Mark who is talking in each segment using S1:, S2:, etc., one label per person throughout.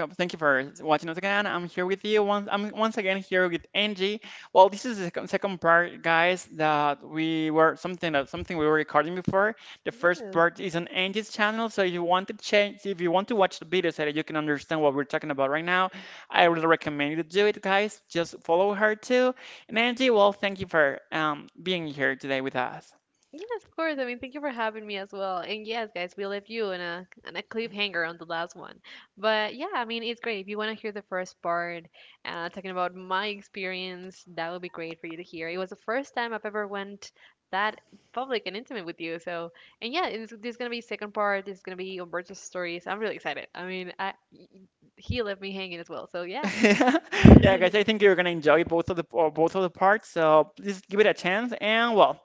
S1: Thank you for watching us again. I'm here with you once. I'm once again here with Angie. Well, this is the second part, guys. That we were something that something we were recording before. The first
S2: Yeah,
S1: part is on Angie's channel, so if you want to change, if you want to watch the video so that you can understand what we're talking about right now, I really recommend you to do it, guys. Just follow her too. And Angie, well, thank you for being here today with us.
S2: yes, of course. I mean, thank you for having me as well. And yes, guys, we left you in a cliffhanger on the last one. But yeah, I mean, it's great. If you want to hear the first part, talking about my experience, that would be great for you to hear. It was the first time I've ever went that public and intimate with you. So, and yeah, there's gonna be second part. There's gonna be Umberto's stories. I'm really excited. I mean, I he left me hanging as well. So yeah.
S1: Yeah, guys, I think you're gonna enjoy both of the parts. So please give it a chance. And well,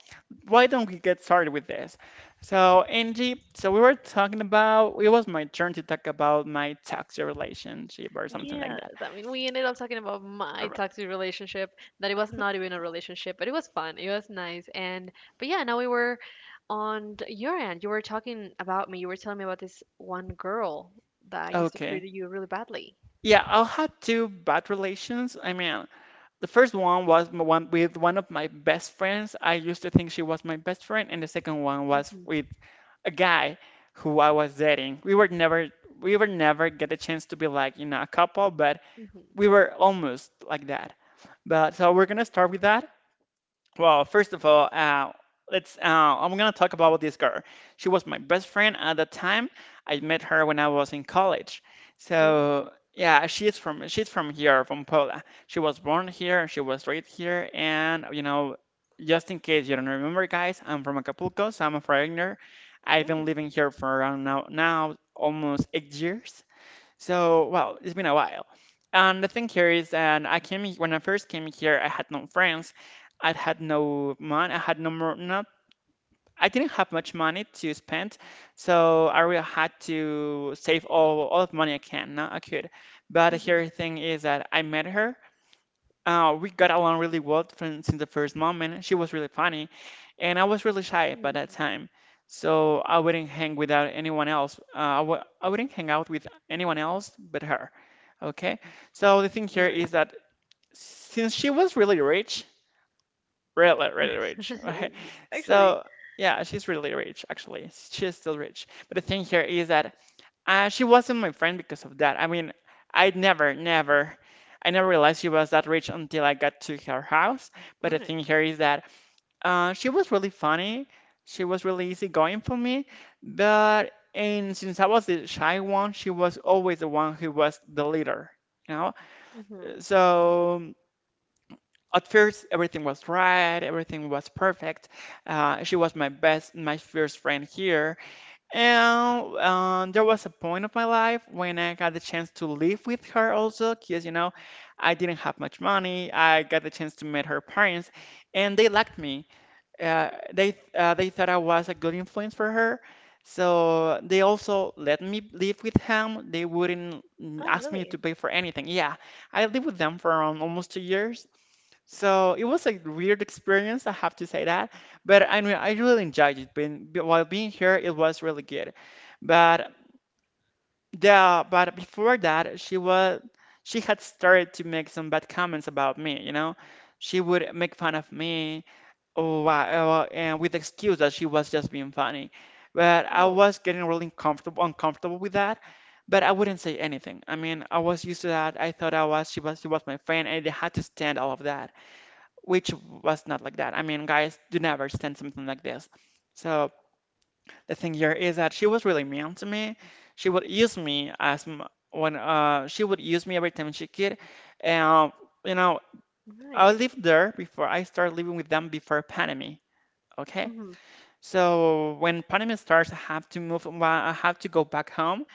S1: why don't we get started with this? So Angie, so we were talking about, it was my turn to talk about my toxic relationship or something like
S2: Yes,
S1: that.
S2: I mean, we ended up talking about my
S1: Alri-
S2: toxic relationship, that it was not even a relationship, but it was fun. It was nice. And, but yeah, now we were on your end. You were talking about me. You were telling me about this one girl that used to treat
S1: Okay.
S2: you really badly.
S1: Yeah, I'll have two bad relations. I mean, the first one was one with one of my best friends. I used to think she was my best friend, and the second one was
S2: Mm-hmm.
S1: with a guy who I was dating. We were never, we were never get a chance to be, like, you know, a couple, but we
S2: Mm-hmm.
S1: were almost like that. But so we're gonna start with that. Well, first of all, let's. I'm gonna talk about this girl. She was my best friend at the time. I met her when I was in college.
S2: All right.
S1: So yeah, she's from here, from Pola. She was born here. She was raised here, and you know, just in case you don't remember, guys, I'm from Acapulco, so I'm a foreigner. I've
S2: All
S1: been
S2: right.
S1: living here for around, now almost 8 years. So, well, it's been a while. And the thing here is, and I came he- when I first came here, I had no friends. I had no money. I had no more. Not. I didn't have much money to spend, so I really had to save all of money I can. Not I could. But
S2: Mm-hmm.
S1: here the thing is that I met her. We got along really well from, since the first moment. She was really funny, and I was really shy by that
S2: Mm.
S1: time, so I wouldn't hang without anyone else. I w- I wouldn't hang out with anyone else but her. Okay, so the thing
S2: All
S1: here is
S2: right.
S1: that since she was really rich, really, really rich, okay,
S2: Actually,
S1: so yeah, she's really rich actually. She's still rich, but the thing here is that she wasn't my friend because of that. I mean, I never, never, I never realized she was that rich until I got to her house. But
S2: all
S1: the
S2: right.
S1: thing here is that she was really funny. She was really easygoing for me. But, and since I was the shy one, she was always the one who was the leader, you know?
S2: Mm-hmm.
S1: So at first, everything was right, everything was perfect. She was my first friend here. And there was a point of my life when I got the chance to live with her also, because you know, I didn't have much money. I got the chance to meet her parents, and they liked me. They thought I was a good influence for her, so they also let me live with them. They wouldn't
S2: Oh,
S1: ask me to
S2: really?
S1: pay for anything. Yeah, I lived with them for around almost 2 years, so it was a weird experience, I have to say that. But I mean, I really enjoyed it. While being here, it was really good. But the but before that, she had started to make some bad comments about me. You know, she would make fun of me, oh, and with the excuse that she was just being funny. But I
S2: Oh,
S1: was getting really uncomfortable with that. But I wouldn't say anything. I mean, I was used to that. I thought I was she was my friend, and I had to stand all of that, which was not like that. I mean, guys, do never stand something like this. So the thing here is that she was really mean to me. She would use me every time she could, and you know, I
S2: right. Right.
S1: lived there before, I started living with them before pandemic. Okay,
S2: Mm-hmm.
S1: so when pandemic starts, I have to move. I have to go back home,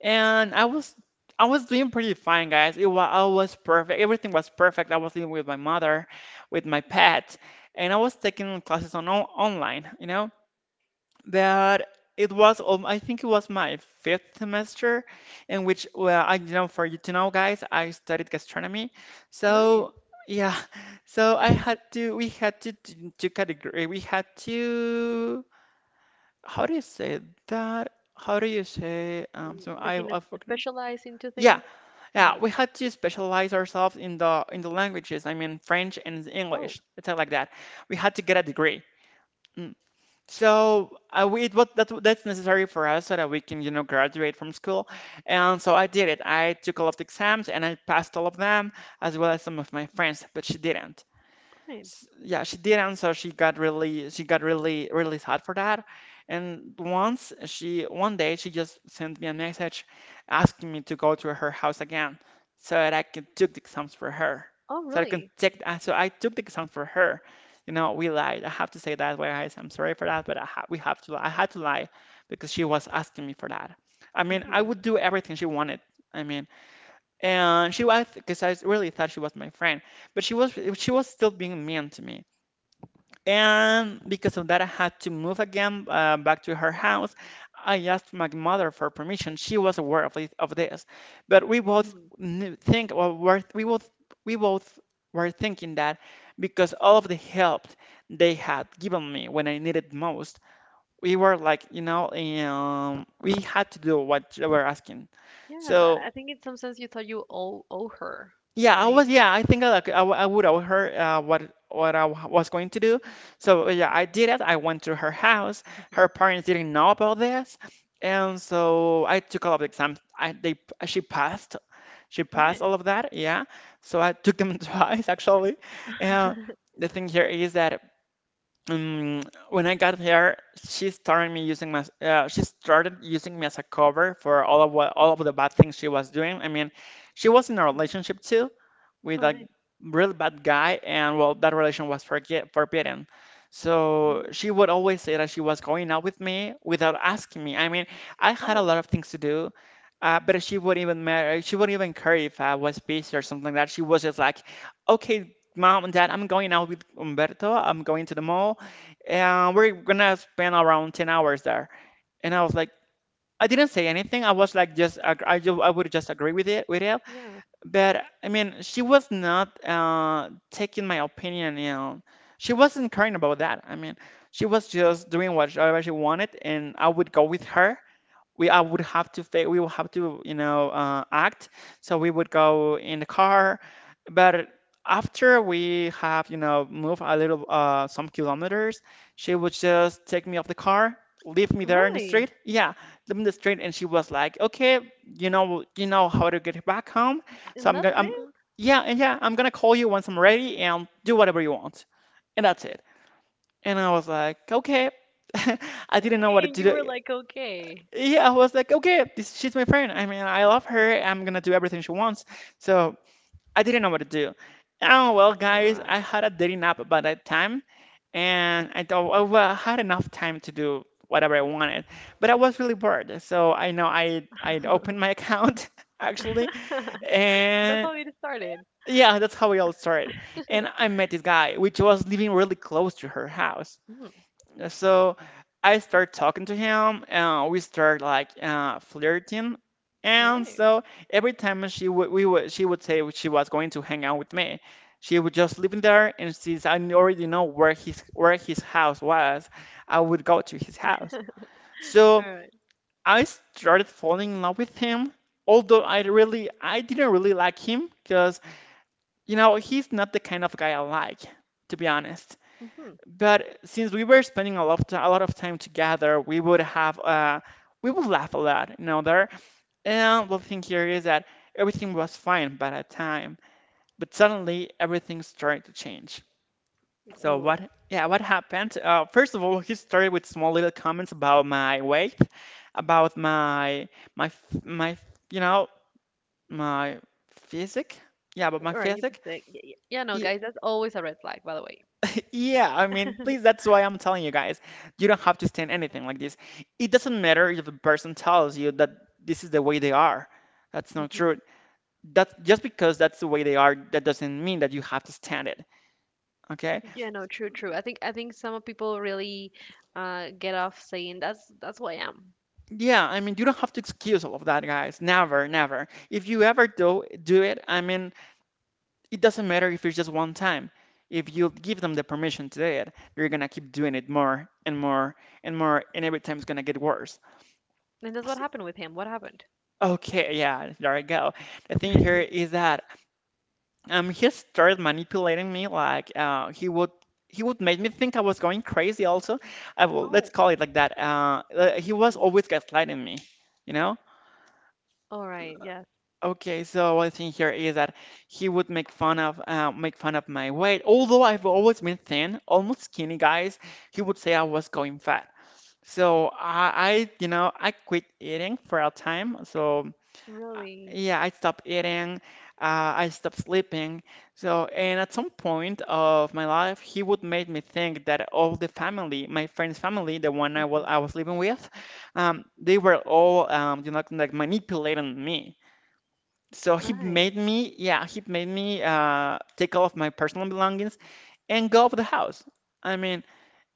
S1: and I was doing pretty fine, guys. It was I was perfect. Everything was perfect. I was living with my mother, with my pet, and I was taking classes online, you know. But it was I think it was my fifth semester in which, well, I you know, for you to know, guys, I studied gastronomy.
S2: Right.
S1: So yeah, so I had to we had to, to category we had to, how do you say that? How do you say, so
S2: Like,
S1: I forgot.
S2: specialize into
S1: Yeah,
S2: things.
S1: yeah,
S2: Mm-hmm.
S1: we had to specialize ourselves in the languages. I mean, French and
S2: Oh,
S1: English, stuff like that. We had to get a degree. Mm. So we, it, what that, that's necessary for us so that we can, you know, graduate from school. And so I did it. I took all of the exams and I passed all of them, as well as some of my friends, but she didn't
S2: right.
S1: s- yeah, she didn't, so she got really, really sad for that. And once she one day she just sent me a message asking me to go to her house again so that I could take the exams for her.
S2: Oh, really?
S1: So I took the exams for her. You know, we lied. I have to say that, guys. I'm sorry for that, but I ha we have to I had to lie because she was asking me for that. I mean, I
S2: Hmm.
S1: would do everything she wanted. I mean, and she was, because I really thought she was my friend, but she was still being mean to me. And because of that, I had to move again, back to her house. I asked my mother for permission. She was aware of this, but we both
S2: Hmm.
S1: knew- think well, were, we both were thinking that because all of the help they had given me when I needed most, we were like, you know, we had to do what they were asking.
S2: Yes, I,
S1: So
S2: I think in some sense you thought you owe her,
S1: yeah, I
S2: right?
S1: was. Yeah, I think I like I, w- I would. I would heard what was going to do. So yeah, I did it. I went to her house.
S2: Mhm.
S1: Her parents didn't know about this, and so I took all of the exams. I they She passed. She passed
S2: Right.
S1: all of that. Yeah. So I took them twice actually. And
S2: Mhm.
S1: the thing here is that, um, when I got here, she started using me as a cover for all of the bad things she was doing. I mean, she was in a relationship too with
S2: All
S1: a
S2: right.
S1: really bad guy, and well, that relation was forbidden. So
S2: Mm.
S1: she would always say that she was going out with me without asking me. I mean, I had a
S2: Oh,
S1: lot of things to do, but she wouldn't even matter. She wouldn't even care if I was busy or something like that. She was just like, okay, mom and dad, I'm going out with Umberto. I'm going to the mall and we're gonna spend around 10 hours there. And I was like, I didn't say anything I was like just ag- I, ju- I would just agree with it.
S2: yeah.
S1: But I mean, she was not, taking my opinion, you know. She wasn't caring about that. I mean, she was just doing whatever she wanted, and I would go with her. We will have to, you know, act. So we would go in the car, but after we have, you know, moved a little, some kilometers, she would just take me off the car, leave me there in the
S2: Really?
S1: street. Yeah, leave me in the street, and she was like, okay, you know how to get back home. So
S2: And
S1: I'm
S2: that's
S1: gonna I'm
S2: it?
S1: Yeah, and yeah, I'm gonna call you once I'm ready and do whatever you want, and that's it. And I was like, okay. I didn't know what
S2: And
S1: to
S2: you were
S1: do.
S2: like, okay.
S1: Yeah, I was like, okay, she's my friend. I mean, I love her. I'm gonna do everything she wants. So I didn't know what to do. Oh well,
S2: All
S1: guys, I
S2: right.
S1: had a dating app by that time, and I thought, oh, well, I had enough time to do whatever I wanted. But I was really bored, so I know I opened my account actually,
S2: That's
S1: and
S2: how it started.
S1: yeah, that's how we all started. And I met this guy, which was living really close to her house.
S2: Mm.
S1: So I start talking to him, and we start like flirting.
S2: All
S1: And
S2: right.
S1: so every time she would say she was going to hang out with me, she would just live in there. And since I already know where his house was, I would go to his house. So
S2: All right.
S1: I started falling in love with him. Although I didn't really like him because you know he's not the kind of guy I like, to be honest.
S2: Mm-hmm.
S1: But since we were spending a lot of time, a lot of time together, we would have we would laugh a lot, there. And the thing here is that everything was fine by that time, but suddenly everything started to change. So
S2: Oh,
S1: what? Yeah, what happened? First of all, he started with small little comments about my weight, about my my f- my you know my physique. Yeah, about my
S2: all right. You
S1: physique.
S2: perfect. Yeah, yeah, yeah, no,
S1: Y-
S2: guys, that's always a red flag, by the way.
S1: Yeah, I mean, please, that's why I'm telling you guys, you don't have to stand anything like this. It doesn't matter if a person tells you that this is the way they are. That's not
S2: Mm-hmm.
S1: true. That just because that's the way they are, that doesn't mean that you have to stand it. Okay?
S2: Yeah, no, true, true. I think some people really get off saying that's who I am.
S1: Yeah, I mean, you don't have to excuse all of that, guys. Never, never. If you ever do it, I mean, it doesn't matter if it's just one time. If you give them the permission to do it, they're gonna keep doing it more and more and more, and every time it's gonna get worse.
S2: And that's what happened with him. What happened?
S1: Okay, yeah, there I go. The thing here is that he started manipulating me like he would make me think I was going crazy also. I will let's
S2: Oh.
S1: call it like that. He was
S2: Hmm.
S1: always gaslighting me, you know?
S2: All right. Yes.
S1: Okay, so what I think here is that he would make fun of my weight. Although I've always been thin, almost skinny guys, he would say I was going fat. So I you know, I quit eating for a time. So
S2: Really?
S1: yeah, I stopped eating, I stopped sleeping. So, and at some point of my life, he would make me think that all the family, my friend's family, the one
S2: Hmm.
S1: I was living with, they were all, you know, like manipulating me. So
S2: All
S1: he
S2: right.
S1: made me, yeah, he made me take all of my personal belongings and go out of the house. I mean,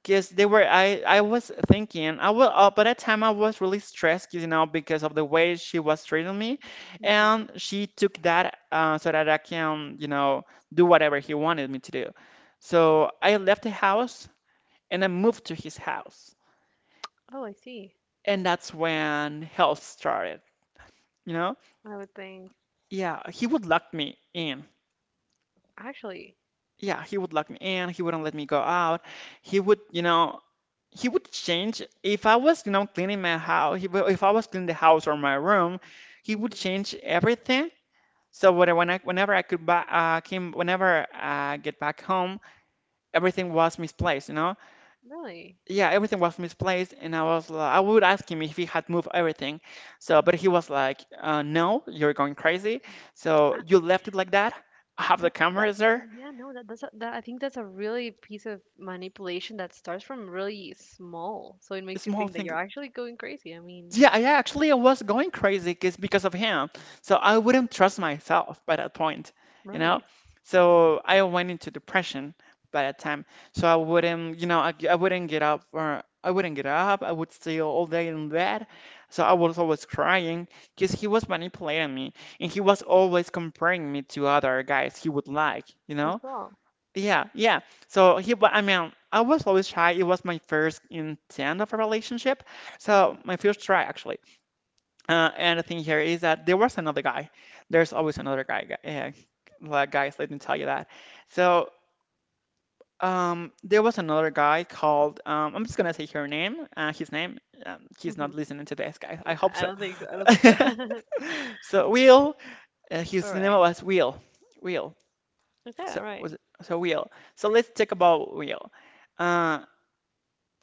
S1: because they were, I was thinking, by that time I was really stressed, 'cause, you know, because of the way she was treating me.
S2: Hmm.
S1: And she took that so that I can, you know, do whatever he wanted me to do. So I left the house and I moved to his house.
S2: Oh, I see.
S1: And that's when hell started, you know?
S2: I would think
S1: Yeah, he would lock me in.
S2: actually,
S1: Yeah, he would lock me in. He wouldn't let me go out. He would, you know, he would change if I was, you know, cleaning my house. If I was cleaning the house or my room, he would
S2: hmm,
S1: change everything. So when I, whenever I could buy, came, whenever I get back home, everything was misplaced. You know,
S2: really.
S1: yeah, everything was misplaced, and I was, like, I would ask him if he had moved everything. So, but he was like, "No, you're going crazy.
S2: I,
S1: So you left it like that. I have the
S2: that that
S1: cameras there."
S2: Yeah, no, that that's a, that I think that's a really piece of manipulation that starts from really small. So it makes you
S1: Small
S2: think that
S1: things.
S2: you're actually going crazy. I mean,
S1: Yeah, I was going crazy because of him. So I wouldn't trust myself by that point, you know?
S2: right,
S1: So I went into depression by that time. So I wouldn't, you know, I wouldn't get up. I would stay all day in bed. So I was always crying because he was manipulating me and he was always comparing me to other guys he would like, you
S2: as
S1: know?
S2: well.
S1: Yeah, yeah. So I mean, I was always shy. It was my first intent of a relationship.
S2: Hmm.
S1: So my first try actually. And the thing here is that there was another guy. There's always another guy, like guys. Let me tell you that. So there was another guy called. I'm just gonna say her name. His name. He's
S2: Hmm.
S1: not listening to this, guys. I hope
S2: I
S1: so.
S2: don't think so. I don't think so.
S1: So Will.
S2: All
S1: His name
S2: right.
S1: was Will. Will.
S2: Okay,
S1: So
S2: all right.
S1: Will. So let's talk about Will. Uh,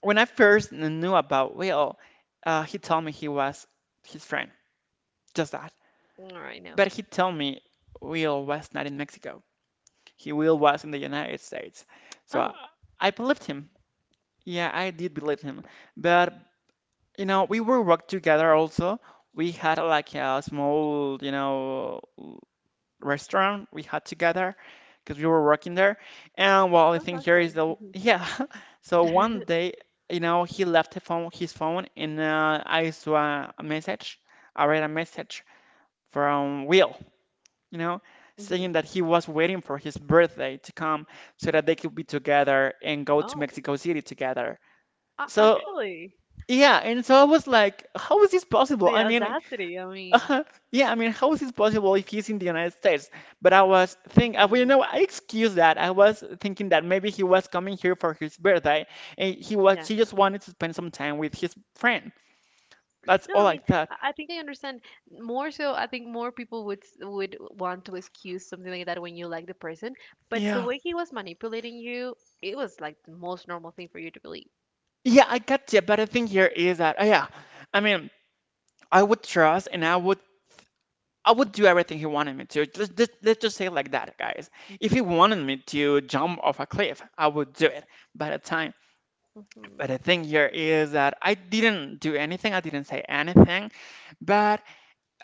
S1: when I first knew about Will, he told me he was his friend. Just that.
S2: All right, no.
S1: But he told me Will was not in Mexico. He Will was in the United States. So
S2: Oh,
S1: I believed him. Yeah, I did believe him. But you know, we were work together also. We had like a small, you know, restaurant we had together because we were working there. And well, the
S2: oh,
S1: thing here
S2: actually.
S1: is the yeah. So
S2: Hmm.
S1: one day, you know, he left the phone, his phone, and I saw a message. I read a message from Will, you know,
S2: Hmm.
S1: saying that he was waiting for his birthday to come so that they could be together and go to
S2: Oh,
S1: Mexico City together.
S2: a
S1: So,
S2: actually,
S1: yeah, and so I was like, how is this possible?
S2: the
S1: I mean,
S2: audacity. I mean,
S1: uh, yeah, I mean, how is this possible if he's in the United States? But I was thinking, well, you
S2: hmm,
S1: know, I excuse that. I was thinking that maybe he was coming here for his birthday and
S2: yeah,
S1: she
S2: no,
S1: just wanted to spend some time with his friend. That's
S2: no. I
S1: all I
S2: mean,
S1: thought.
S2: I think I understand more so. I think more people would would want to excuse something like that when you like the person, but the
S1: Yeah.
S2: way he was manipulating you, it was like the most normal thing for you to believe.
S1: Yeah, I got you. But the thing here is that, yeah, I mean, I would trust and I would do everything he wanted me to. Let's just say it like that, guys. If he
S2: Mm-hmm.
S1: wanted me to jump off a cliff, I would do it by the time. But
S2: Mm-hmm.
S1: the thing here is that I didn't do anything. I didn't say anything. But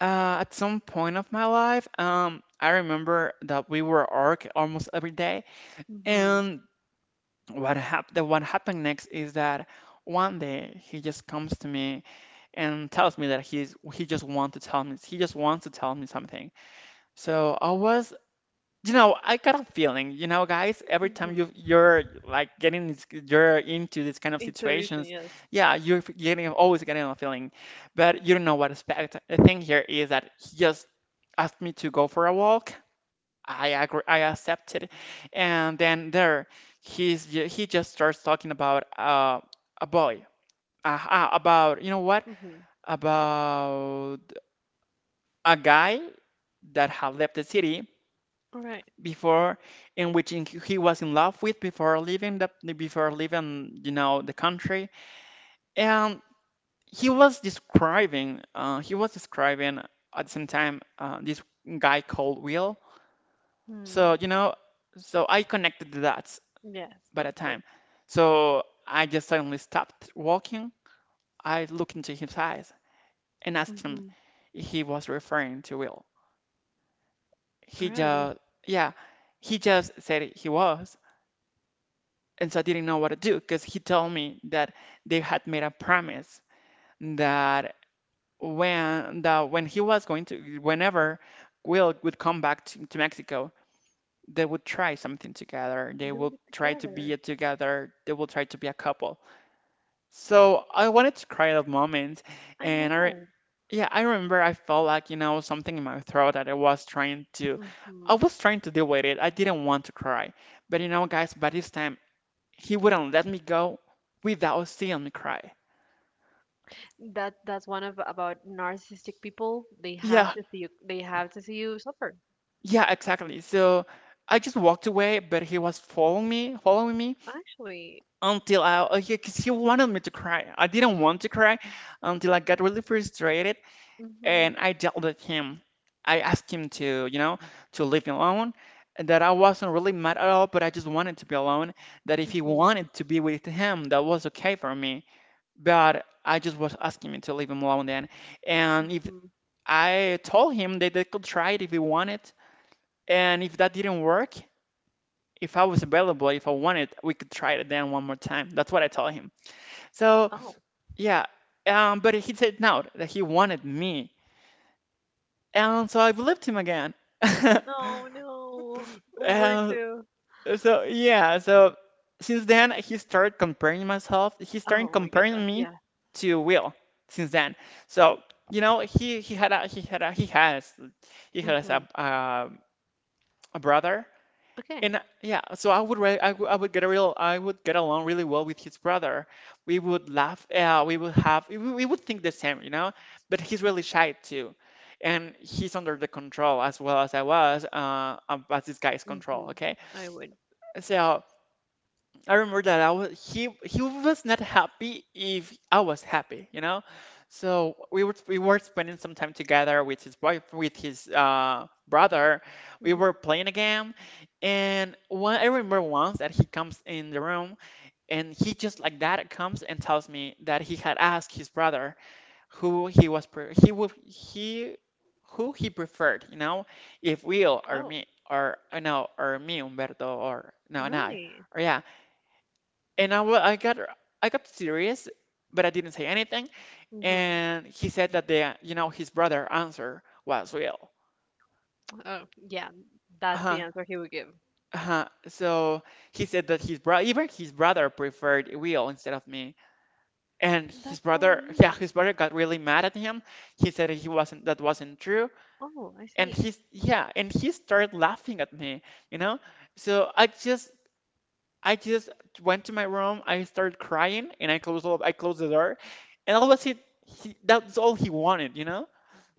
S1: at some point of my life, I remember that we were arc almost every day.
S2: Mm-hmm.
S1: And what happened? What happened next is that one day he just comes to me and tells me that he just wants to tell me something. So I was. You know, I got a feeling, you know, guys, every time
S2: Mm-hmm.
S1: you're like getting you're into this kind of
S2: Intuition,
S1: situations,
S2: yes.
S1: yeah, you're f- getting always getting a feeling, but you don't know what to expect. The thing here is that he just asked me to go for a walk. I agree, I accepted, and then there, he just starts talking about a boy, about you know what,
S2: Mm-hmm.
S1: about a guy that had left the city
S2: All right.
S1: before in which he was in love with before leaving the before leaving you know the country and he was describing at the same time this guy called Will,
S2: Mm.
S1: so you know, so I connected the dots
S2: Yes,
S1: by
S2: no,
S1: the
S2: of course.
S1: time, so I just suddenly stopped walking, I looked into his eyes and asked him
S2: Mm-hmm.
S1: if he was referring to Will.
S2: All
S1: He
S2: right.
S1: just yeah, he just said he was. And so I didn't know what to do because he told me that they had made a promise that that when he was going to whenever Will would come back to Mexico, they would try something together. They
S2: Do
S1: will
S2: it
S1: try to
S2: together.
S1: be together. They will try to be a couple. So I wanted to cry at that moment,
S2: I
S1: and
S2: know.
S1: yeah, I remember I felt like you know something in my throat that I was trying to.
S2: Mm-hmm.
S1: I was trying to deal with it. I didn't want to cry. But you know, guys, by this time he wouldn't let me go without seeing me cry.
S2: That's one of about narcissistic people. They have
S1: Yeah,
S2: to see you. They have to see you suffer.
S1: yeah, exactly. So I just walked away, but he was following me
S2: Actually.
S1: until yeah, because he wanted me to cry. I didn't want to cry until I got really frustrated
S2: Mhm.
S1: and I dealt with him. I asked him to, you know, to leave me alone, and that I wasn't really mad at all, but I just wanted to be alone. That if he
S2: Mhm.
S1: wanted to be with him, that was okay for me. But I just was asking him to leave him alone then. And if
S2: Mhm.
S1: I told him that they could try it if he wanted, and if that didn't work, if I was available, if I wanted, we could try it again one more time. That's what I told him. So
S2: Oh.
S1: yeah, but he said no, that he wanted me, and so I believed him again.
S2: No. No.
S1: And
S2: Umberto.
S1: so yeah, so since then he started comparing myself. He started
S2: Oh my goodness.
S1: comparing
S2: Yeah.
S1: me to Will since then. So you know he had a he had a he has
S2: Mhm.
S1: a brother. And
S2: Okay.
S1: yeah, so I would re- I, w- I would get a real I would get along really well with his brother. We would laugh. We would have we would think the same, you know. But he's really shy too, and he's under the control as well as I was as this guy's control.
S2: Mhm.
S1: Okay,
S2: I would.
S1: so I remember that I was he was not happy if I was happy, you know. So we were spending some time together with his wife, with his brother. We
S2: Mhm.
S1: were playing a game, and one I remember once that he comes in the room and he just like that comes and tells me that he had asked his brother who he was pre- he would he who he preferred, you know, if Will or me
S2: Oh.
S1: or no or me Umberto or no and I
S2: Really?
S1: or yeah and I got, I got serious, but I didn't say anything.
S2: Mhm.
S1: And he said that the you know his brother answer was real.
S2: Oh. Yeah. That's the
S1: Uh-huh.
S2: answer he would give.
S1: Uh-huh. So he said that his brother, even his brother preferred Will instead of me. And his
S2: That's so
S1: brother, yeah,
S2: mean.
S1: his brother got really mad at him. He said he wasn't, that wasn't true.
S2: Oh, I
S1: And
S2: see.
S1: he's, yeah, and he started laughing at me, you know? So I just went to my room. I started crying, and I closed the door, and all was it. He, that's all he wanted, you know.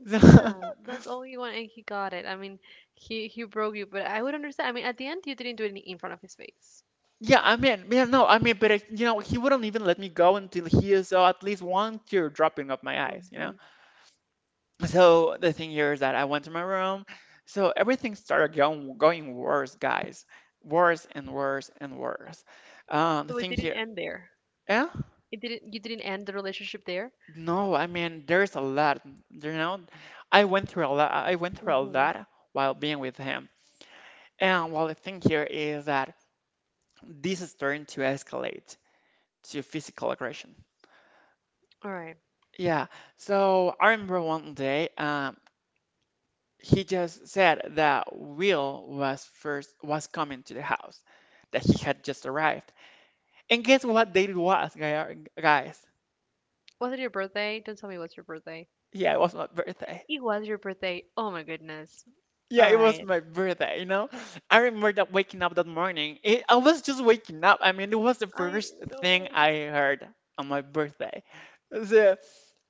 S2: Yeah, that's all he wanted, and he got it. I mean, he broke you, but I would understand. I mean, at the end, you didn't do it in front of his face.
S1: So, yeah, I mean, yeah, no, I mean, but I, you know, he wouldn't even let me go until he saw at least one tear dropping off my eyes, you
S2: Mm-hmm.
S1: know. So the thing here is that I went to my room. So everything started going worse, guys, worse and worse and worse. The
S2: So it
S1: thing
S2: didn't
S1: here,
S2: end there.
S1: yeah.
S2: It didn't. You didn't end the relationship there.
S1: No, I mean there's a lot. You know, I went through a lot. I went through a
S2: Mm-hmm.
S1: lot while being with him. And well, the thing here is that this is starting to escalate to physical aggression.
S2: All right.
S1: Yeah. So I remember one day, he just said that Will was coming to the house, that he had just arrived. And guess what date it was, guys?
S2: Was it your birthday? Don't tell me it was your birthday.
S1: Yeah, it was my birthday.
S2: It was your birthday. Oh my goodness.
S1: Yeah,
S2: All
S1: it was
S2: right.
S1: my birthday, you know? I remember that waking up that morning. I was just waking up. I mean, it was the
S2: I
S1: first thing
S2: know.
S1: I heard on my birthday. So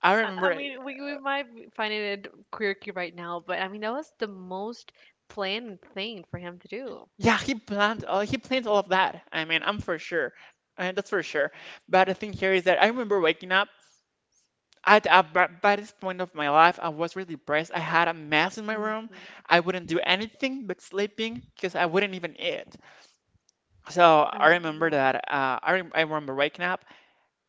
S1: I
S2: I
S1: remember,
S2: mean, we might be finding it quirky right now, but I mean, that was the most planned thing for him to do.
S1: yeah, he planned all of that. I mean, I'm for sure. And that's for sure. But the thing here is that I remember waking up. By this point of my life, I was really depressed. I had a mess in my room.
S2: Mm-hmm.
S1: I wouldn't do anything but sleeping because I wouldn't even eat. So
S2: I
S1: I
S2: would,
S1: remember
S2: yeah.
S1: that. I remember waking up.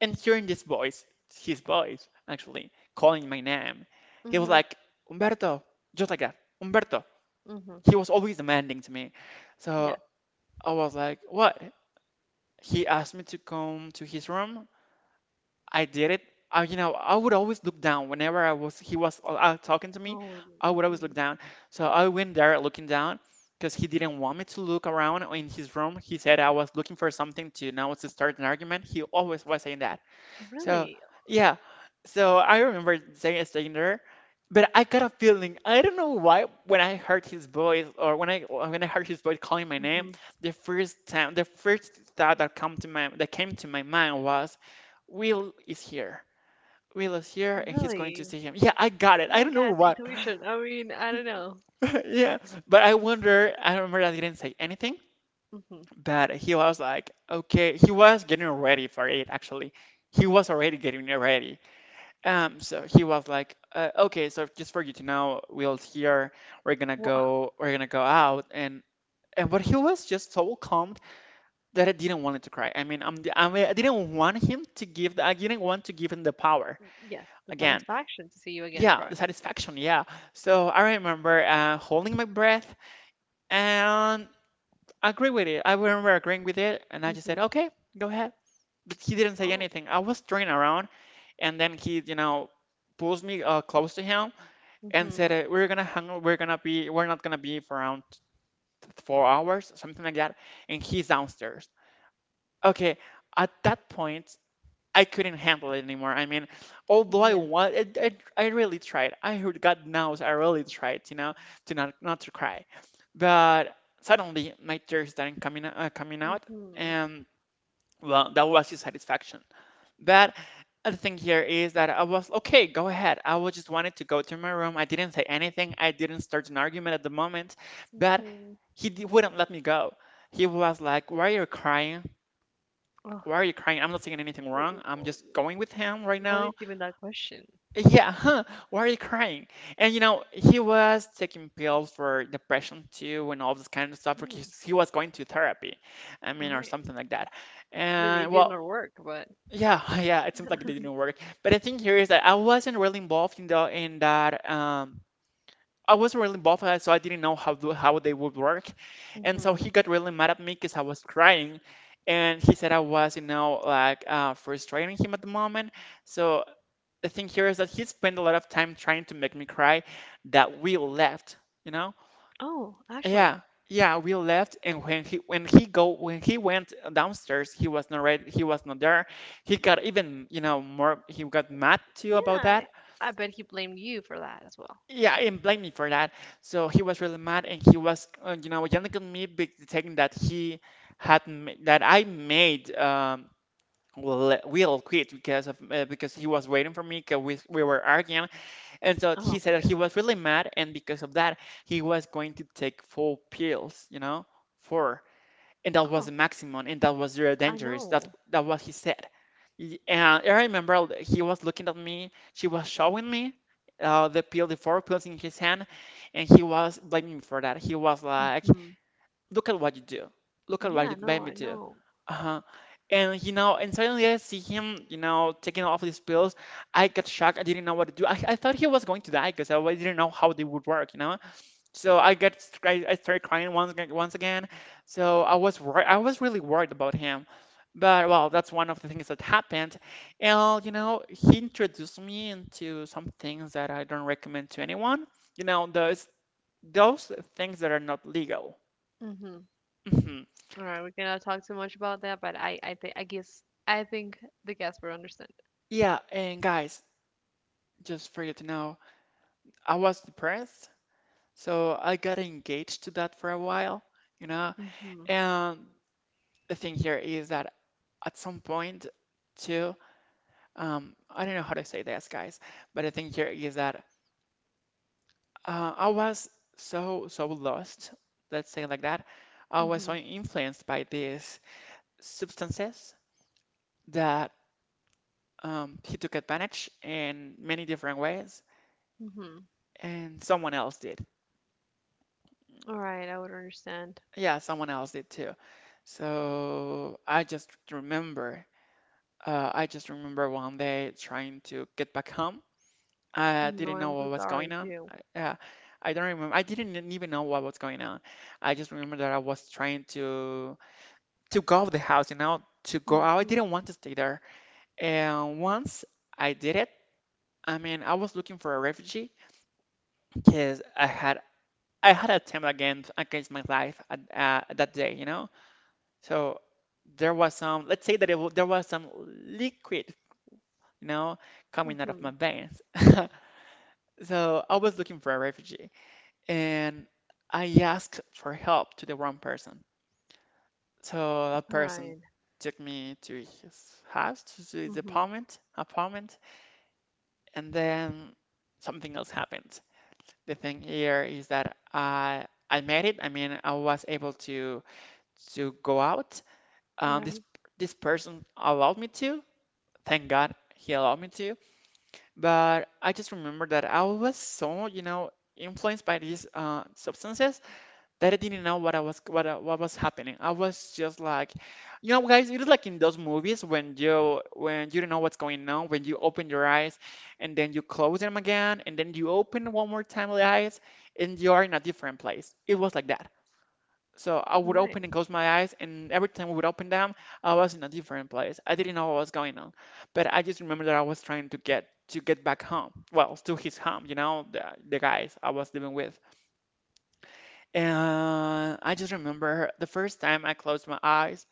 S1: And hearing this voice, his voice actually, calling my name, he was
S2: Mm-hmm.
S1: like, Umberto, just like that, Umberto.
S2: Mm-hmm.
S1: He was always demanding to me. So I was like, what? He asked me to come to his room. I did it. I, you know, I would always look down whenever I was he was talking to me.
S2: Oh,
S1: I would always look
S2: mhm.
S1: down. So I went there looking down because he didn't want me to look around in his room. He said I was looking for something to now to start an argument. He always was saying that. So
S2: Really?
S1: yeah, so I remember Zayn staying there, but I got a feeling I don't know why when I heard his voice or when I heard his voice calling my name,
S2: Hmm.
S1: the first thought that come to my that came to my mind was, Will is here. Will is here and he's going to
S2: Really?
S1: see him. Yeah, I got it. I
S2: Yeah,
S1: don't know
S2: guys,
S1: why.
S2: intuition. I mean, I don't know.
S1: Yeah, but I wonder. I remember I didn't say anything,
S2: Hmm.
S1: but he was like, okay, he was getting ready for it actually. He was already getting ready. So he was like, okay, so just for you to know, Will's here.
S2: Well,
S1: We're gonna go out, and but he was just so calmed that I didn't want him to cry. I mean, I'm, I mean, I didn't want him to give, the, I didn't want to give him the power
S2: yes, the
S1: again.
S2: satisfaction to see you again
S1: Yeah,
S2: cry.
S1: the satisfaction. Yeah. So I remember holding my breath and agree with it. I remember agreeing with it, and I just said,
S2: Hmm.
S1: okay, go ahead. But he didn't say
S2: Oh.
S1: anything. I was turning around, and then he, you know, pulls me close to him and
S2: Hmm.
S1: said we're not gonna be for around 4 hours something like that, and he's downstairs. Okay, at that point I couldn't handle it anymore. I mean, although I
S2: Yeah.
S1: want I really tried. I heard god knows I really tried, you know, to not to cry, but suddenly my tears started coming out,
S2: Hmm.
S1: and well, that was his satisfaction. But the thing here is that I was okay, go ahead. I was just wanted to go to my room. I didn't say anything. I didn't start an argument at the moment, but
S2: Hmm.
S1: wouldn't let me go. He was like, "Why are you crying?
S2: Oh,
S1: Why are you crying? I'm not saying anything wrong. I'm just going with him right
S2: what is
S1: now."
S2: even that question?
S1: Yeah, huh? Why are you crying? And you know, he was taking pills for depression too and all this kind of stuff
S2: Hmm.
S1: because he was going to therapy. I
S2: All
S1: mean, or
S2: right.
S1: something like that.
S2: But it
S1: And
S2: did
S1: well,
S2: not work, but.
S1: yeah, yeah, it seems like it didn't work. But the thing here is that I wasn't really involved in the in that I wasn't really involved, so I didn't know how they would work. And so
S2: Hmm.
S1: he got really mad at me because I was crying, and he said I was, you know, like frustrating him at the moment. So the thing here is that he spent a lot of time trying to make me cry that we left, you know.
S2: Oh, actually,
S1: Yeah, yeah, we left, and when he went downstairs, he was not ready, he was not there. He got even, you know, more he got mad too
S2: yeah,
S1: about
S2: I
S1: that.
S2: I bet he blamed you for that as well.
S1: Yeah, and blame me for that. So he was really mad, and he was, you know, yelling at me, saying that that I made Will quit because of because he was waiting for me because we were arguing, and so he
S2: Oh my
S1: said that he
S2: goodness.
S1: was really mad, and because of that, he was going to take four pills, you know, four. And that was
S2: Oh,
S1: the maximum, and that was very
S2: I
S1: dangerous. That
S2: know.
S1: that what he said. And I remember he was looking at me. She was showing me the four pills in his hand, and he was blaming me for that. He was like,
S2: Hmm.
S1: "Look at what you do. Look at what
S2: Yeah,
S1: you made
S2: no,
S1: me
S2: I
S1: do."
S2: know.
S1: Uh-huh. And you know, and suddenly I see him, you know, taking off these pills. I got shocked. I didn't know what to do. I thought he was going to die because didn't know how they would work, you know. So I started crying once again. So I was really worried about him. But well, that's one of the things that happened. And you know, he introduced me into some things that I don't recommend to anyone. You know, those things that are not legal.
S2: Mhm.
S1: Mhm.
S2: All right, we cannot talk too much about that, but I think, I guess, I think the guests would understand.
S1: Yeah, and guys, just for you to know, I was depressed, so I got engaged to that for a while, you know.
S2: Mhm.
S1: And the thing here is that at some point, too, I don't know how to say this, guys, but the thing here is that I was so lost, let's say like that. I was so
S2: Mhm.
S1: influenced by these substances that he took advantage in many different ways,
S2: Mhm.
S1: and someone else did.
S2: All right, I would understand.
S1: Yeah, someone else did too. So I just remember one day trying to get back home. I
S2: No,
S1: didn't know
S2: I'm so
S1: what was going
S2: sorry
S1: on.
S2: too.
S1: I, uh, I don't remember. I didn't even know what was going on. I just remember that I was trying to go out of the house, to go out. I
S2: Mhm.
S1: didn't want to stay there. And once I did it, I mean, I was looking for a refugee because I had a attempt against my life at that day. So there was some, let's say that there was some liquid, you know, coming out of my
S2: Mhm.
S1: veins. So I was looking for a refugee. And I asked for help to the wrong person. So that
S2: All
S1: person
S2: right.
S1: took me to his house, to his
S2: Mhm.
S1: apartment, and then something else happened. The thing here is that I made it. I mean, I was able to go out.
S2: All
S1: Um, this
S2: right.
S1: this person allowed me to. Thank God he allowed me to. But I just remember that I was so, influenced by these substances that I didn't know what was happening. I was just like, guys, it is like in those movies when you don't know what's going on, when you open your eyes and then you close them again, and then you open one more time the eyes, and you are in a different place. It was like that. So I
S2: All
S1: would open
S2: right.
S1: and close my eyes, and every time I would open them, I was in a different place. I didn't know what was going on, but I just remember that I was trying to get back home. Well, to his home, the guys I was living with. And I just remember the first time I closed my eyes.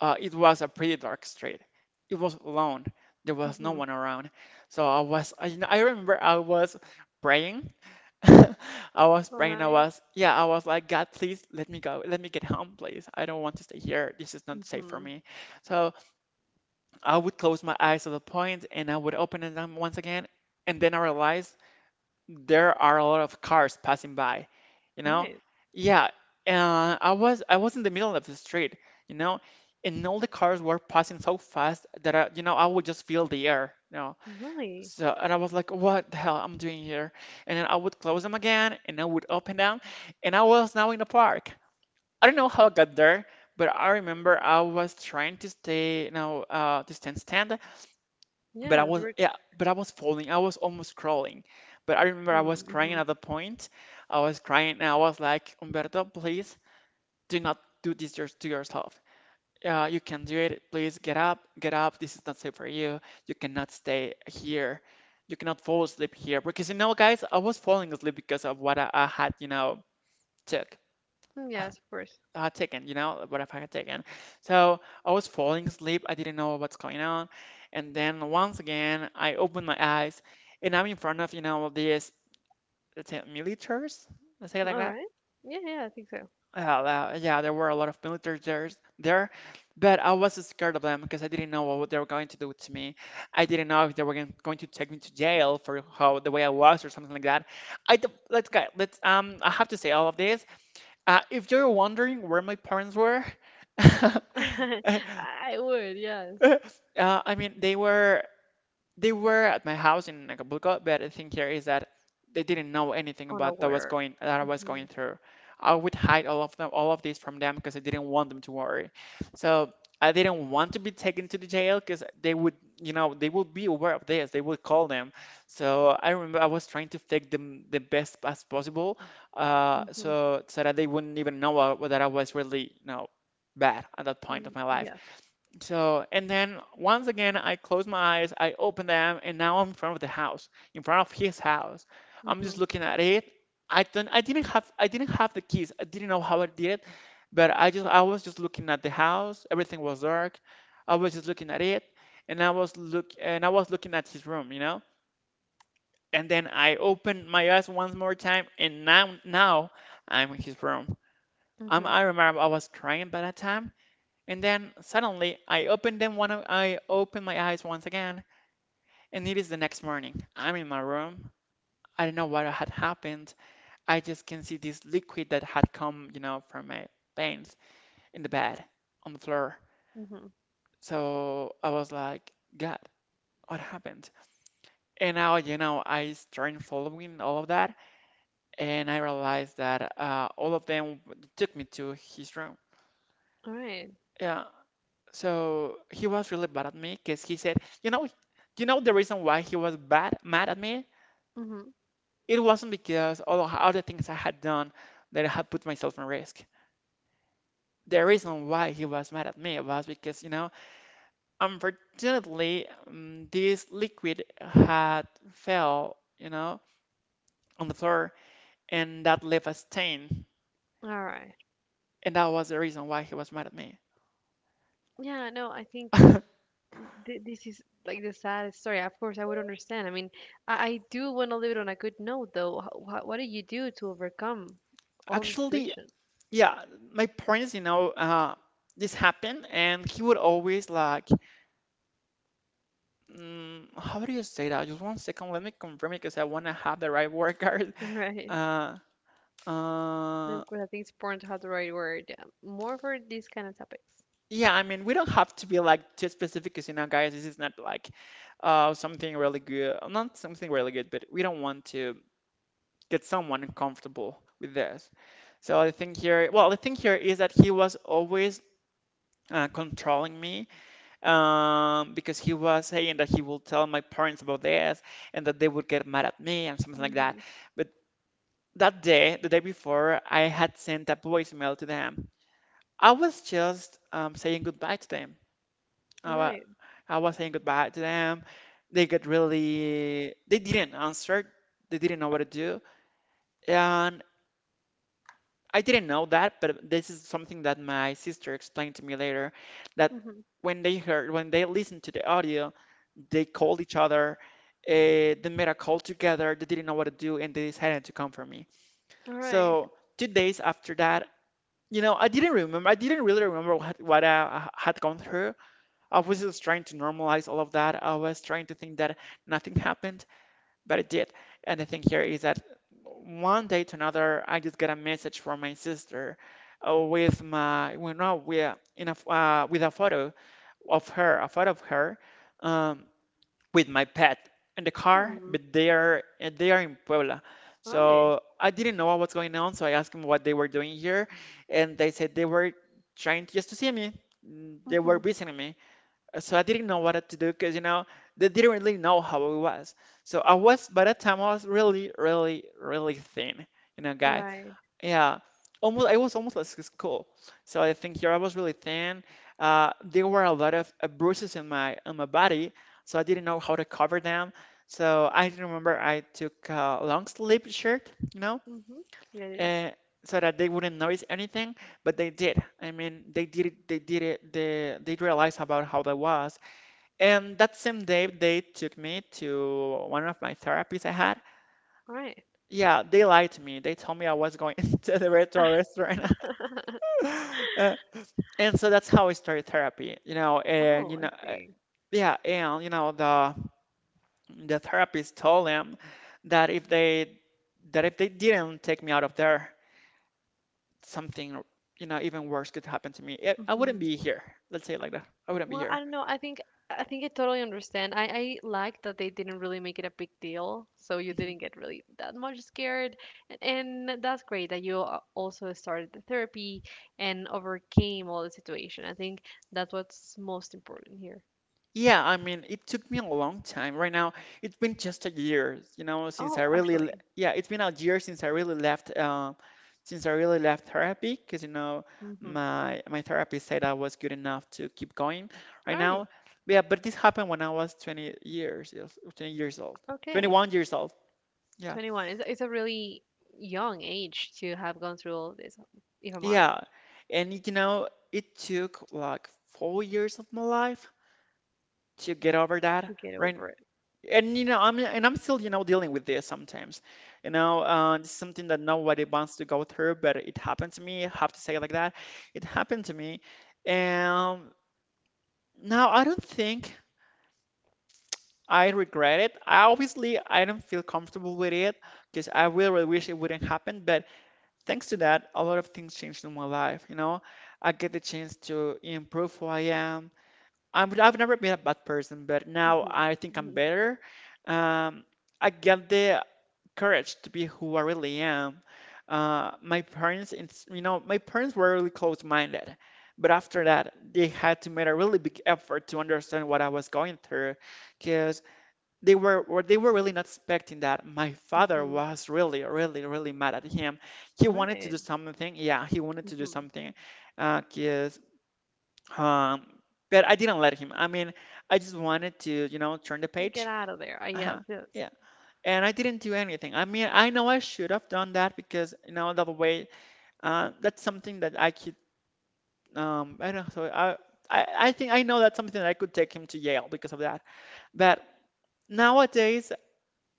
S1: It was a pretty dark street. It was alone. There was no
S2: Mhm.
S1: one around. So I remember I was praying. I was
S2: All
S1: praying. I
S2: right.
S1: was, yeah, I was like, God, please let me go. Let me get home, please. I don't want to stay here. This is not safe for
S2: Mhm.
S1: me. So I would close my eyes at the point and I would open them once again. And then I realized there are a lot of cars passing by, you
S2: All
S1: know?
S2: right.
S1: Yeah, I was in the middle of the street, you know, and all the cars were passing so fast that I would just feel the air.
S2: Really?
S1: So, and I was like, what the hell I'm doing here? And then I would close them again, and I would open them, and I was now in the park. I don't know how I got there, but I remember I was trying to stay, to stand, but I
S2: Yeah. You
S1: was
S2: were.
S1: yeah, but I was falling. I was almost crawling. But I remember I was
S2: Mm,
S1: crying
S2: mhm.
S1: at the point. I was crying and I was like, Umberto, please do not do this to yourself. You can do it. Please get up, get up. This is not safe for you. You cannot stay here. You cannot fall asleep here because guys, I was falling asleep because of what I had, took
S2: Mm, yes, of course.
S1: taken, what if I had taken? So I was falling asleep. I didn't know what's going on. And then once again, I opened my eyes and I'm in front of, these, let's say, militaries, let's say it like
S2: All
S1: that.
S2: right. Yeah. Yeah. I think so.
S1: Yeah, there were a lot of militaries there, but I was scared of them because I didn't know what they were going to do to me. I didn't know if they were going to take me to jail for how the way I was or something like that. Let's go. Let's. I have to say all of this if you're wondering where my parents were. uh,
S2: I would. Yes.
S1: I mean, they were at my house in Acapulco, but the thing here is that they didn't know anything about
S2: Unaware.
S1: that I was going
S2: Mhm.
S1: through. I would hide all of them, all of this from them because I didn't want them to worry. So I didn't want to be taken to the jail because they would, they would be aware of this. They would call them. So I remember I was trying to fake them the best as possible, uh,
S2: Mhm.
S1: so so that they wouldn't even know that I was really, bad at that point of
S2: Mm,
S1: my life.
S2: yes.
S1: So, and then once again, I close my eyes, I open them, and now I'm in front of the house, in front of his house. I'm just
S2: Mhm.
S1: looking at it. I didn't have the keys. I didn't know how I did it, but I was just looking at the house. Everything was dark. I was just looking at it, and and I was looking at his room. And then I opened my eyes once more time, and now I'm in his room. i
S2: Mm-hmm.
S1: I remember I was crying by that time, and then suddenly I open my eyes once again, and it is the next morning. I'm in my room. I don't know what had happened. I just can see this liquid that had come, you know, from my veins in the bed on the floor.
S2: Mm-hmm.
S1: So I was like, God, what happened? And now, I started following all of that, and I realized that all of them took me to his room.
S2: All right.
S1: Yeah, so he was really bad at me because he said, you know, you know the reason why he was mad at me?
S2: Mm-hmm.
S1: It wasn't because all the things I had done, that I had put myself in risk. The reason why he was mad at me was because, unfortunately, this liquid had fell, you know, on the floor, and that left a stain.
S2: All right.
S1: And that was the reason why he was mad at me.
S2: Yeah, no, I think this is like the saddest story. Of course, I would understand. I mean, I do want to leave it on a good note, though. What do you do to overcome all the
S1: Actually,
S2: situation?
S1: yeah, my parents, this happened, and he would always like, how do you say that? Just one second, let me confirm it because I want to have the right word card.
S2: Right.
S1: Uh,
S2: And
S1: uh,
S2: of course, I think it's important to have the right word. Yeah. More for these kind of topics.
S1: yeah, I mean, we don't have to be like too specific because, guys, this is not like something really good, not something really good, but we don't want to get someone uncomfortable with this. So I think here, well, the thing here is that he was always controlling me, because he was saying that he will tell my parents about this, and that they would get mad at me and something like that.
S2: Mm-hmm.
S1: But that day, the day before, I had sent a voicemail to them. I was just saying goodbye to them.
S2: All
S1: I, wa-
S2: right.
S1: I was saying goodbye to them. They didn't answer. They didn't know what to do. And I didn't know that, but this is something that my sister explained to me later, that
S2: Mm-hmm.
S1: when they listened to the audio, they called each other, uh, they made a call together, they didn't know what to do, and they decided to come for me.
S2: All right.
S1: So 2 days after that, I didn't remember. I didn't really remember what I had gone through. I was just trying to normalize all of that. I was trying to think that nothing happened, but it did. And the thing here is that one day to another, I just got a message from my sister, with my, well, no, we in a, with a photo of her, um, with my pet in the car,
S2: Hmm.
S1: but they are in Puebla.
S2: All right.
S1: So I didn't know what was going on, so I asked them what they were doing here, and they said they were trying just to see me. They
S2: Mm-hmm.
S1: were visiting me. So I didn't know what to do because, you know, they didn't really know how I was. So I was by that time I was really, really, really thin, you know,
S2: All
S1: guys.
S2: right.
S1: Yeah, almost. I was almost like school. So I think here I was really thin. There were a lot of bruises in my on my body, so I didn't know how to cover them. So I remember I took a long sleeve shirt,
S2: Mm-hmm. Yeah, it is.
S1: uh, so that they wouldn't notice anything. But they did. I mean, they did it. They did it. They realized about how that was. And that same day, they took me to one of my therapies I had.
S2: All right.
S1: Yeah, they lied to me. They told me I was going to the retro restaurant. Uh, and so that's how I started therapy,
S2: Oh, I see.
S1: yeah, the therapist told them that if they didn't take me out of there, something, you know, even worse could happen to me. I wouldn't
S2: Mm-hmm.
S1: be here. Let's say it like that. I wouldn't be
S2: Well, I
S1: here.
S2: don't know. I think I totally understand. I like that they didn't really make it a big deal, so you
S1: Mhm.
S2: didn't get really that much scared, and, and that's great that you also started the therapy and overcame all the situation. I think that's what's most important here.
S1: Yeah, I mean it took me a long time. Right now, it's been just a year, you know, since
S2: Oh,
S1: I really, le-
S2: actually,
S1: yeah, it's been a year since I really left, since I really left therapy, because you know,
S2: mm-hmm.
S1: my therapist said I was good enough to keep going.
S2: All
S1: Right
S2: right,
S1: now, yeah, but this happened when I was 20 years, yes, 20 years old,
S2: okay,
S1: 21 years old. Yeah,
S2: 21. It's a really young age to have gone through all of this, if I'm honest,
S1: yeah, you know, it took like 4 years of my life to get over that.
S2: to get
S1: Right,
S2: over it.
S1: and I'm still dealing with this sometimes. It's something that nobody wants to go through, but it happened to me. I have to say it like that. It happened to me, and now I don't think I regret it. Obviously I don't feel comfortable with it, because I really, really wish it wouldn't happen, but thanks to that a lot of things changed in my life, you know. I get the chance to improve who I am. I've never been a bad person, but now I think I'm
S2: Mm-hmm.
S1: better. um, I get the courage to be who I really am. My parents, you know, my parents were really close-minded, but after that, they had to make a really big effort to understand what I was going through, because they were really not expecting that. My father
S2: Mm-hmm.
S1: was really, really, really mad at him. He
S2: All
S1: wanted to do
S2: right.
S1: something. Yeah, he wanted to do something, uh, 'cause, um, but I didn't let him. I mean, I just wanted to, you know, turn the
S2: Get
S1: page.
S2: out of there. Ah, yes,
S1: Uh-huh.
S2: yes,
S1: Yeah, and I didn't do anything. I mean, I know I should have done that because you know that way. That's something that I could. I don't. So I think I know that's something that I could take him to Yale because of that. But nowadays,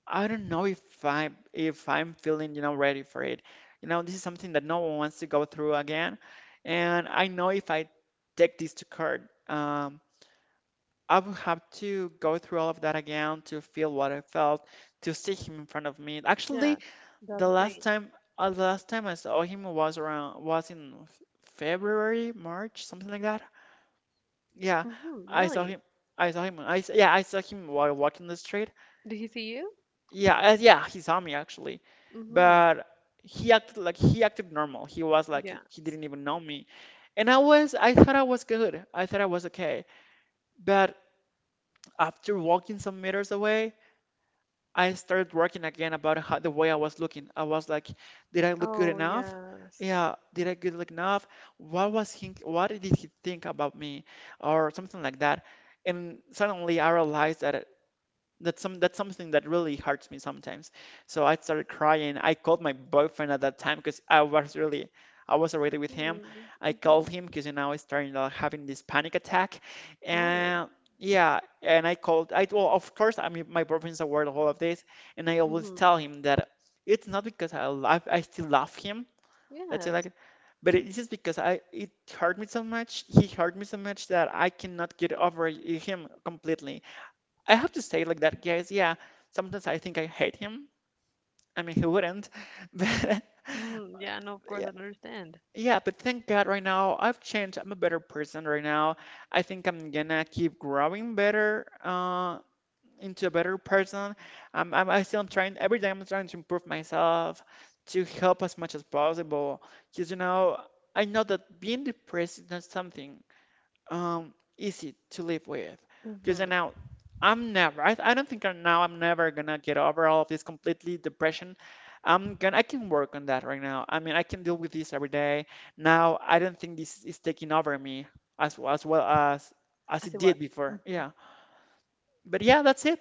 S1: I don't know if I if I'm feeling you know ready for it. You know, this is something that no one wants to go through again, and I know if I take this to court. I would have to go through all of that again to feel what I felt, to see him in front of me. Actually,
S2: yes. That's
S1: the
S2: the
S1: last
S2: thing.
S1: time, the last time I saw him was around was in F- February, March, something like that. Yeah,
S2: Mm-hmm,
S1: I saw
S2: really?
S1: him. I saw him. Yeah, I saw him while walking the street.
S2: Did he see you?
S1: Yeah, he saw me actually,
S2: Mm-hmm.
S1: but he acted normal. He was like
S2: Yeah.
S1: he didn't even know me, and I thought I was good. I thought I was okay, but after walking some meters away, I started working again about how, the way I was looking. I was like, did I look good
S2: Oh,
S1: enough?
S2: yes.
S1: Yeah, did I good look enough? What did he think about me? Or something like that. And suddenly I realized that that's something that really hurts me sometimes. So I started crying. I called my boyfriend at that time because I was already with him.
S2: Hmm.
S1: I called
S2: Mm-hmm.
S1: him because now I started having this panic attack,
S2: Right.
S1: and yeah, and I called. I well, of course, I mean my boyfriend's aware of all of this, and I always
S2: Mm-hmm.
S1: tell him that it's not because I still love him. Let's say
S2: Yes.
S1: like, but it is because I it hurt me so much. He hurt me so much that I cannot get over him completely. I have to say, like that, guys. Yeah, sometimes I think I hate him. I mean, he wouldn't, but
S2: Mm-hmm. Yeah, no, of
S1: yeah,
S2: course, I understand.
S1: yeah, but thank God right now I've changed. I'm a better person right now. I think I'm gonna keep growing better, into a better person. I still am trying, every day I'm trying to improve myself to help as much as possible. Because, you know, I know that being depressed is not something easy to live with, because
S2: Mm-hmm.
S1: now I don't think I'm never gonna get over all of this completely. Depression, I'm gonna, I can work on that right now. I mean, I can deal with this every day. Now I don't think this is taking over me as well as
S2: I see
S1: it
S2: what?
S1: did before.
S2: Mm-hmm.
S1: Yeah, but yeah, that's it.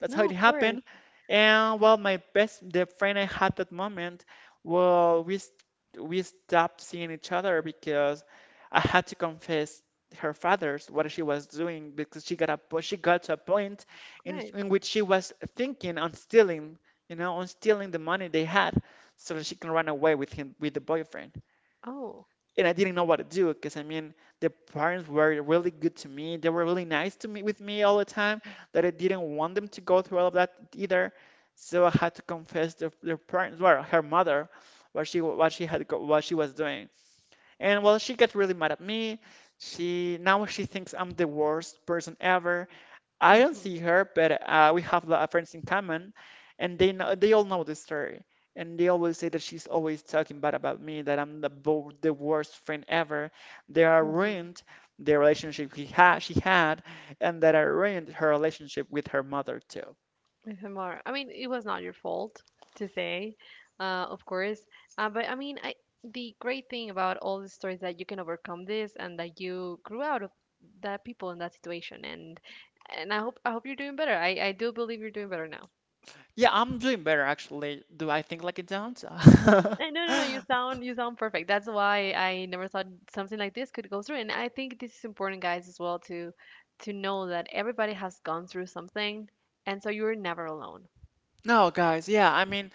S1: That's how
S2: No,
S1: it
S2: of course.
S1: happened. And well, my best the friend I had that moment, well, we st- we stopped seeing each other because I had to confess her father's what she was doing, because she got to a point in
S2: Right.
S1: in which she was thinking on stealing, you know, on stealing the money they had so that she can run away with him, with the boyfriend,
S2: Oh.
S1: and I didn't know what to do because I mean the parents were really good to me. They were really nice to me, with me all the time, that I didn't want them to go through all of that either. So I had to confess to their parents, well, her mother, what she what she was doing. And well, she got really mad at me. She now she thinks I'm the worst person ever. I don't
S2: Mm-hmm.
S1: see her, but we have a lot of friends in common, and they all know the story, and they always say that she's always talking bad about me, that I'm the bo the worst friend ever. They are
S2: Mm-hmm.
S1: ruined the relationship he had she had, and that I ruined her relationship with her mother too.
S2: If I'm I mean, it was not your fault to say, of course. But I mean, the great thing about all these stories that you can overcome this and that you grew out of that people in that situation. And I hope you're doing better. I do believe you're doing better now.
S1: Yeah, I'm doing better actually. Do I think like it don't?
S2: No, no, no, you sound perfect. That's why I never thought something like this could go through. And I think this is important, guys, as well to know that everybody has gone through something, and so you're never alone.
S1: No, guys. Yeah, I mean,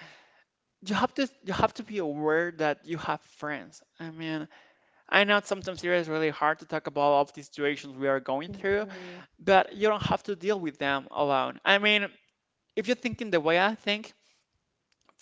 S1: you have to be aware that you have friends. I mean, I know sometimes it is really hard to talk about all of these situations we are going through,
S2: Hmm.
S1: but you don't have to deal with them alone. I mean, if you're thinking the way I think,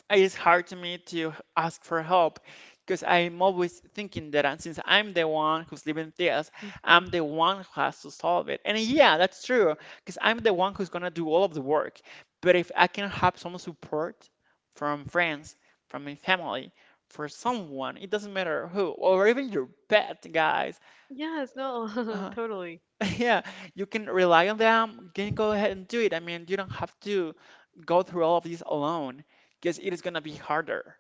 S1: it is hard to me to ask for help because I'm always thinking that since I'm the one who's living this, I'm the one who has to solve it. And yeah, that's true because I'm the one who's gonna do all of the work. But if I can have some support from friends, from my family, for someone, it doesn't matter who, or even your pet, guys,
S2: Yes, no,
S1: uh,
S2: totally.
S1: yeah, you can rely on them. Can go ahead and do it. I mean, you don't have to go through all of this alone because it is gonna be harder.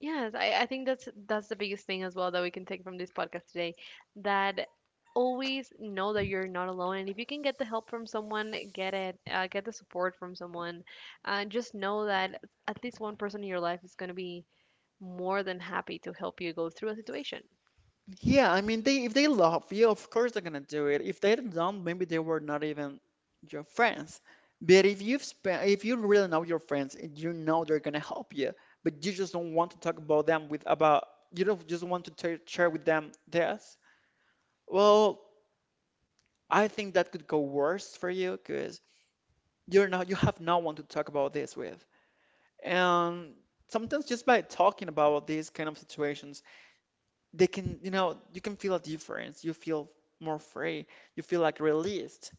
S2: Yes, I think that's the biggest thing as well that we can take from this podcast today. That always know that you're not alone, and if you can get the help from someone, get it, get the support from someone. Just know that at least one person in your life is going to be more than happy to help you go through a situation.
S1: Yeah, I mean, they if they love you, of course they're gonna do it. If they don't, maybe they were not even your friends. But if you really know your friends and you know they're gonna help you, but you just don't want to talk about them with about you don't just want to t share with them this. Well, I think that could go worse for you, 'cause you have no one to talk about this with, and sometimes just by talking about these kind of situations, they can you know you can feel a difference. You feel more free. You feel like released.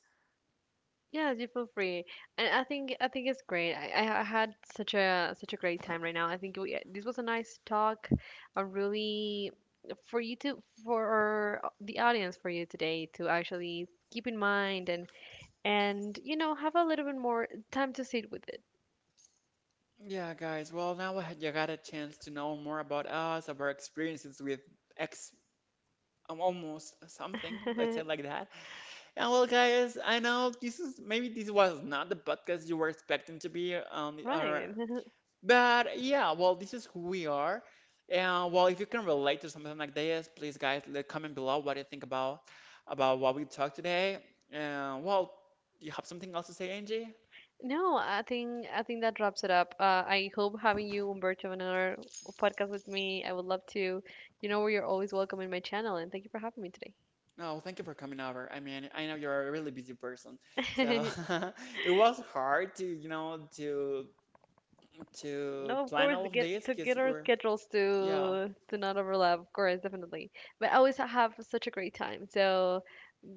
S2: Yeah, you feel free, and I think it's great. I had such a great time right now. I think this was a nice talk, a really for you to for the audience for you today to actually keep in mind and have a little bit more time to sit with it.
S1: Yeah, guys. Well, now you got a chance to know more about us, about our experiences with ex, almost something, let's say like that. And well, guys, I know this is maybe this was not the podcast you were expecting to be, or
S2: Right.
S1: but yeah, well, this is who we are. And well, if you can relate to something like this, please, guys, let comment below what you think about, what we talked today. And well, you have something else to say, Angie?
S2: No, I think that wraps it up. I hope having you, Umberto, on another podcast with me. I would love to. You know, you're always welcome in my channel, and thank you for having me
S1: No, thank you for coming over. I mean, I know you're a really busy person, so
S2: today.
S1: it was hard to, you know, to
S2: No, of
S1: plan
S2: course,
S1: all
S2: to
S1: of
S2: get
S1: this,
S2: to get
S1: because
S2: our
S1: we're,
S2: schedules
S1: yeah.
S2: to not overlap. Of course, definitely. But I always have such a great time. So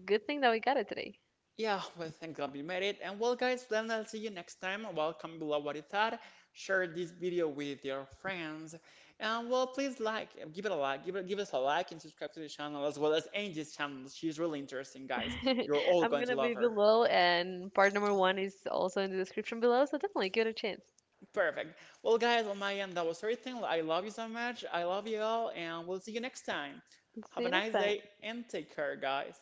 S2: good thing that we got it today.
S1: Yeah, well, thank God we made it. And well, guys, then I'll see you next time. Well, comment below what you thought. Share this video with your friends. And well, please like, give it a like, give us a like, and subscribe to the channel as well as Angie's channel. She's really interesting, guys. You're all
S2: I'm
S1: going to
S2: gonna
S1: love
S2: be
S1: her.
S2: below, and part number one is also in the description below. So definitely give it a chance.
S1: Perfect. Well, guys, on my end, that was everything. I love you so much. I love you all, and we'll see you next time. Have
S2: See
S1: a
S2: you next
S1: nice
S2: time.
S1: day and take care, guys.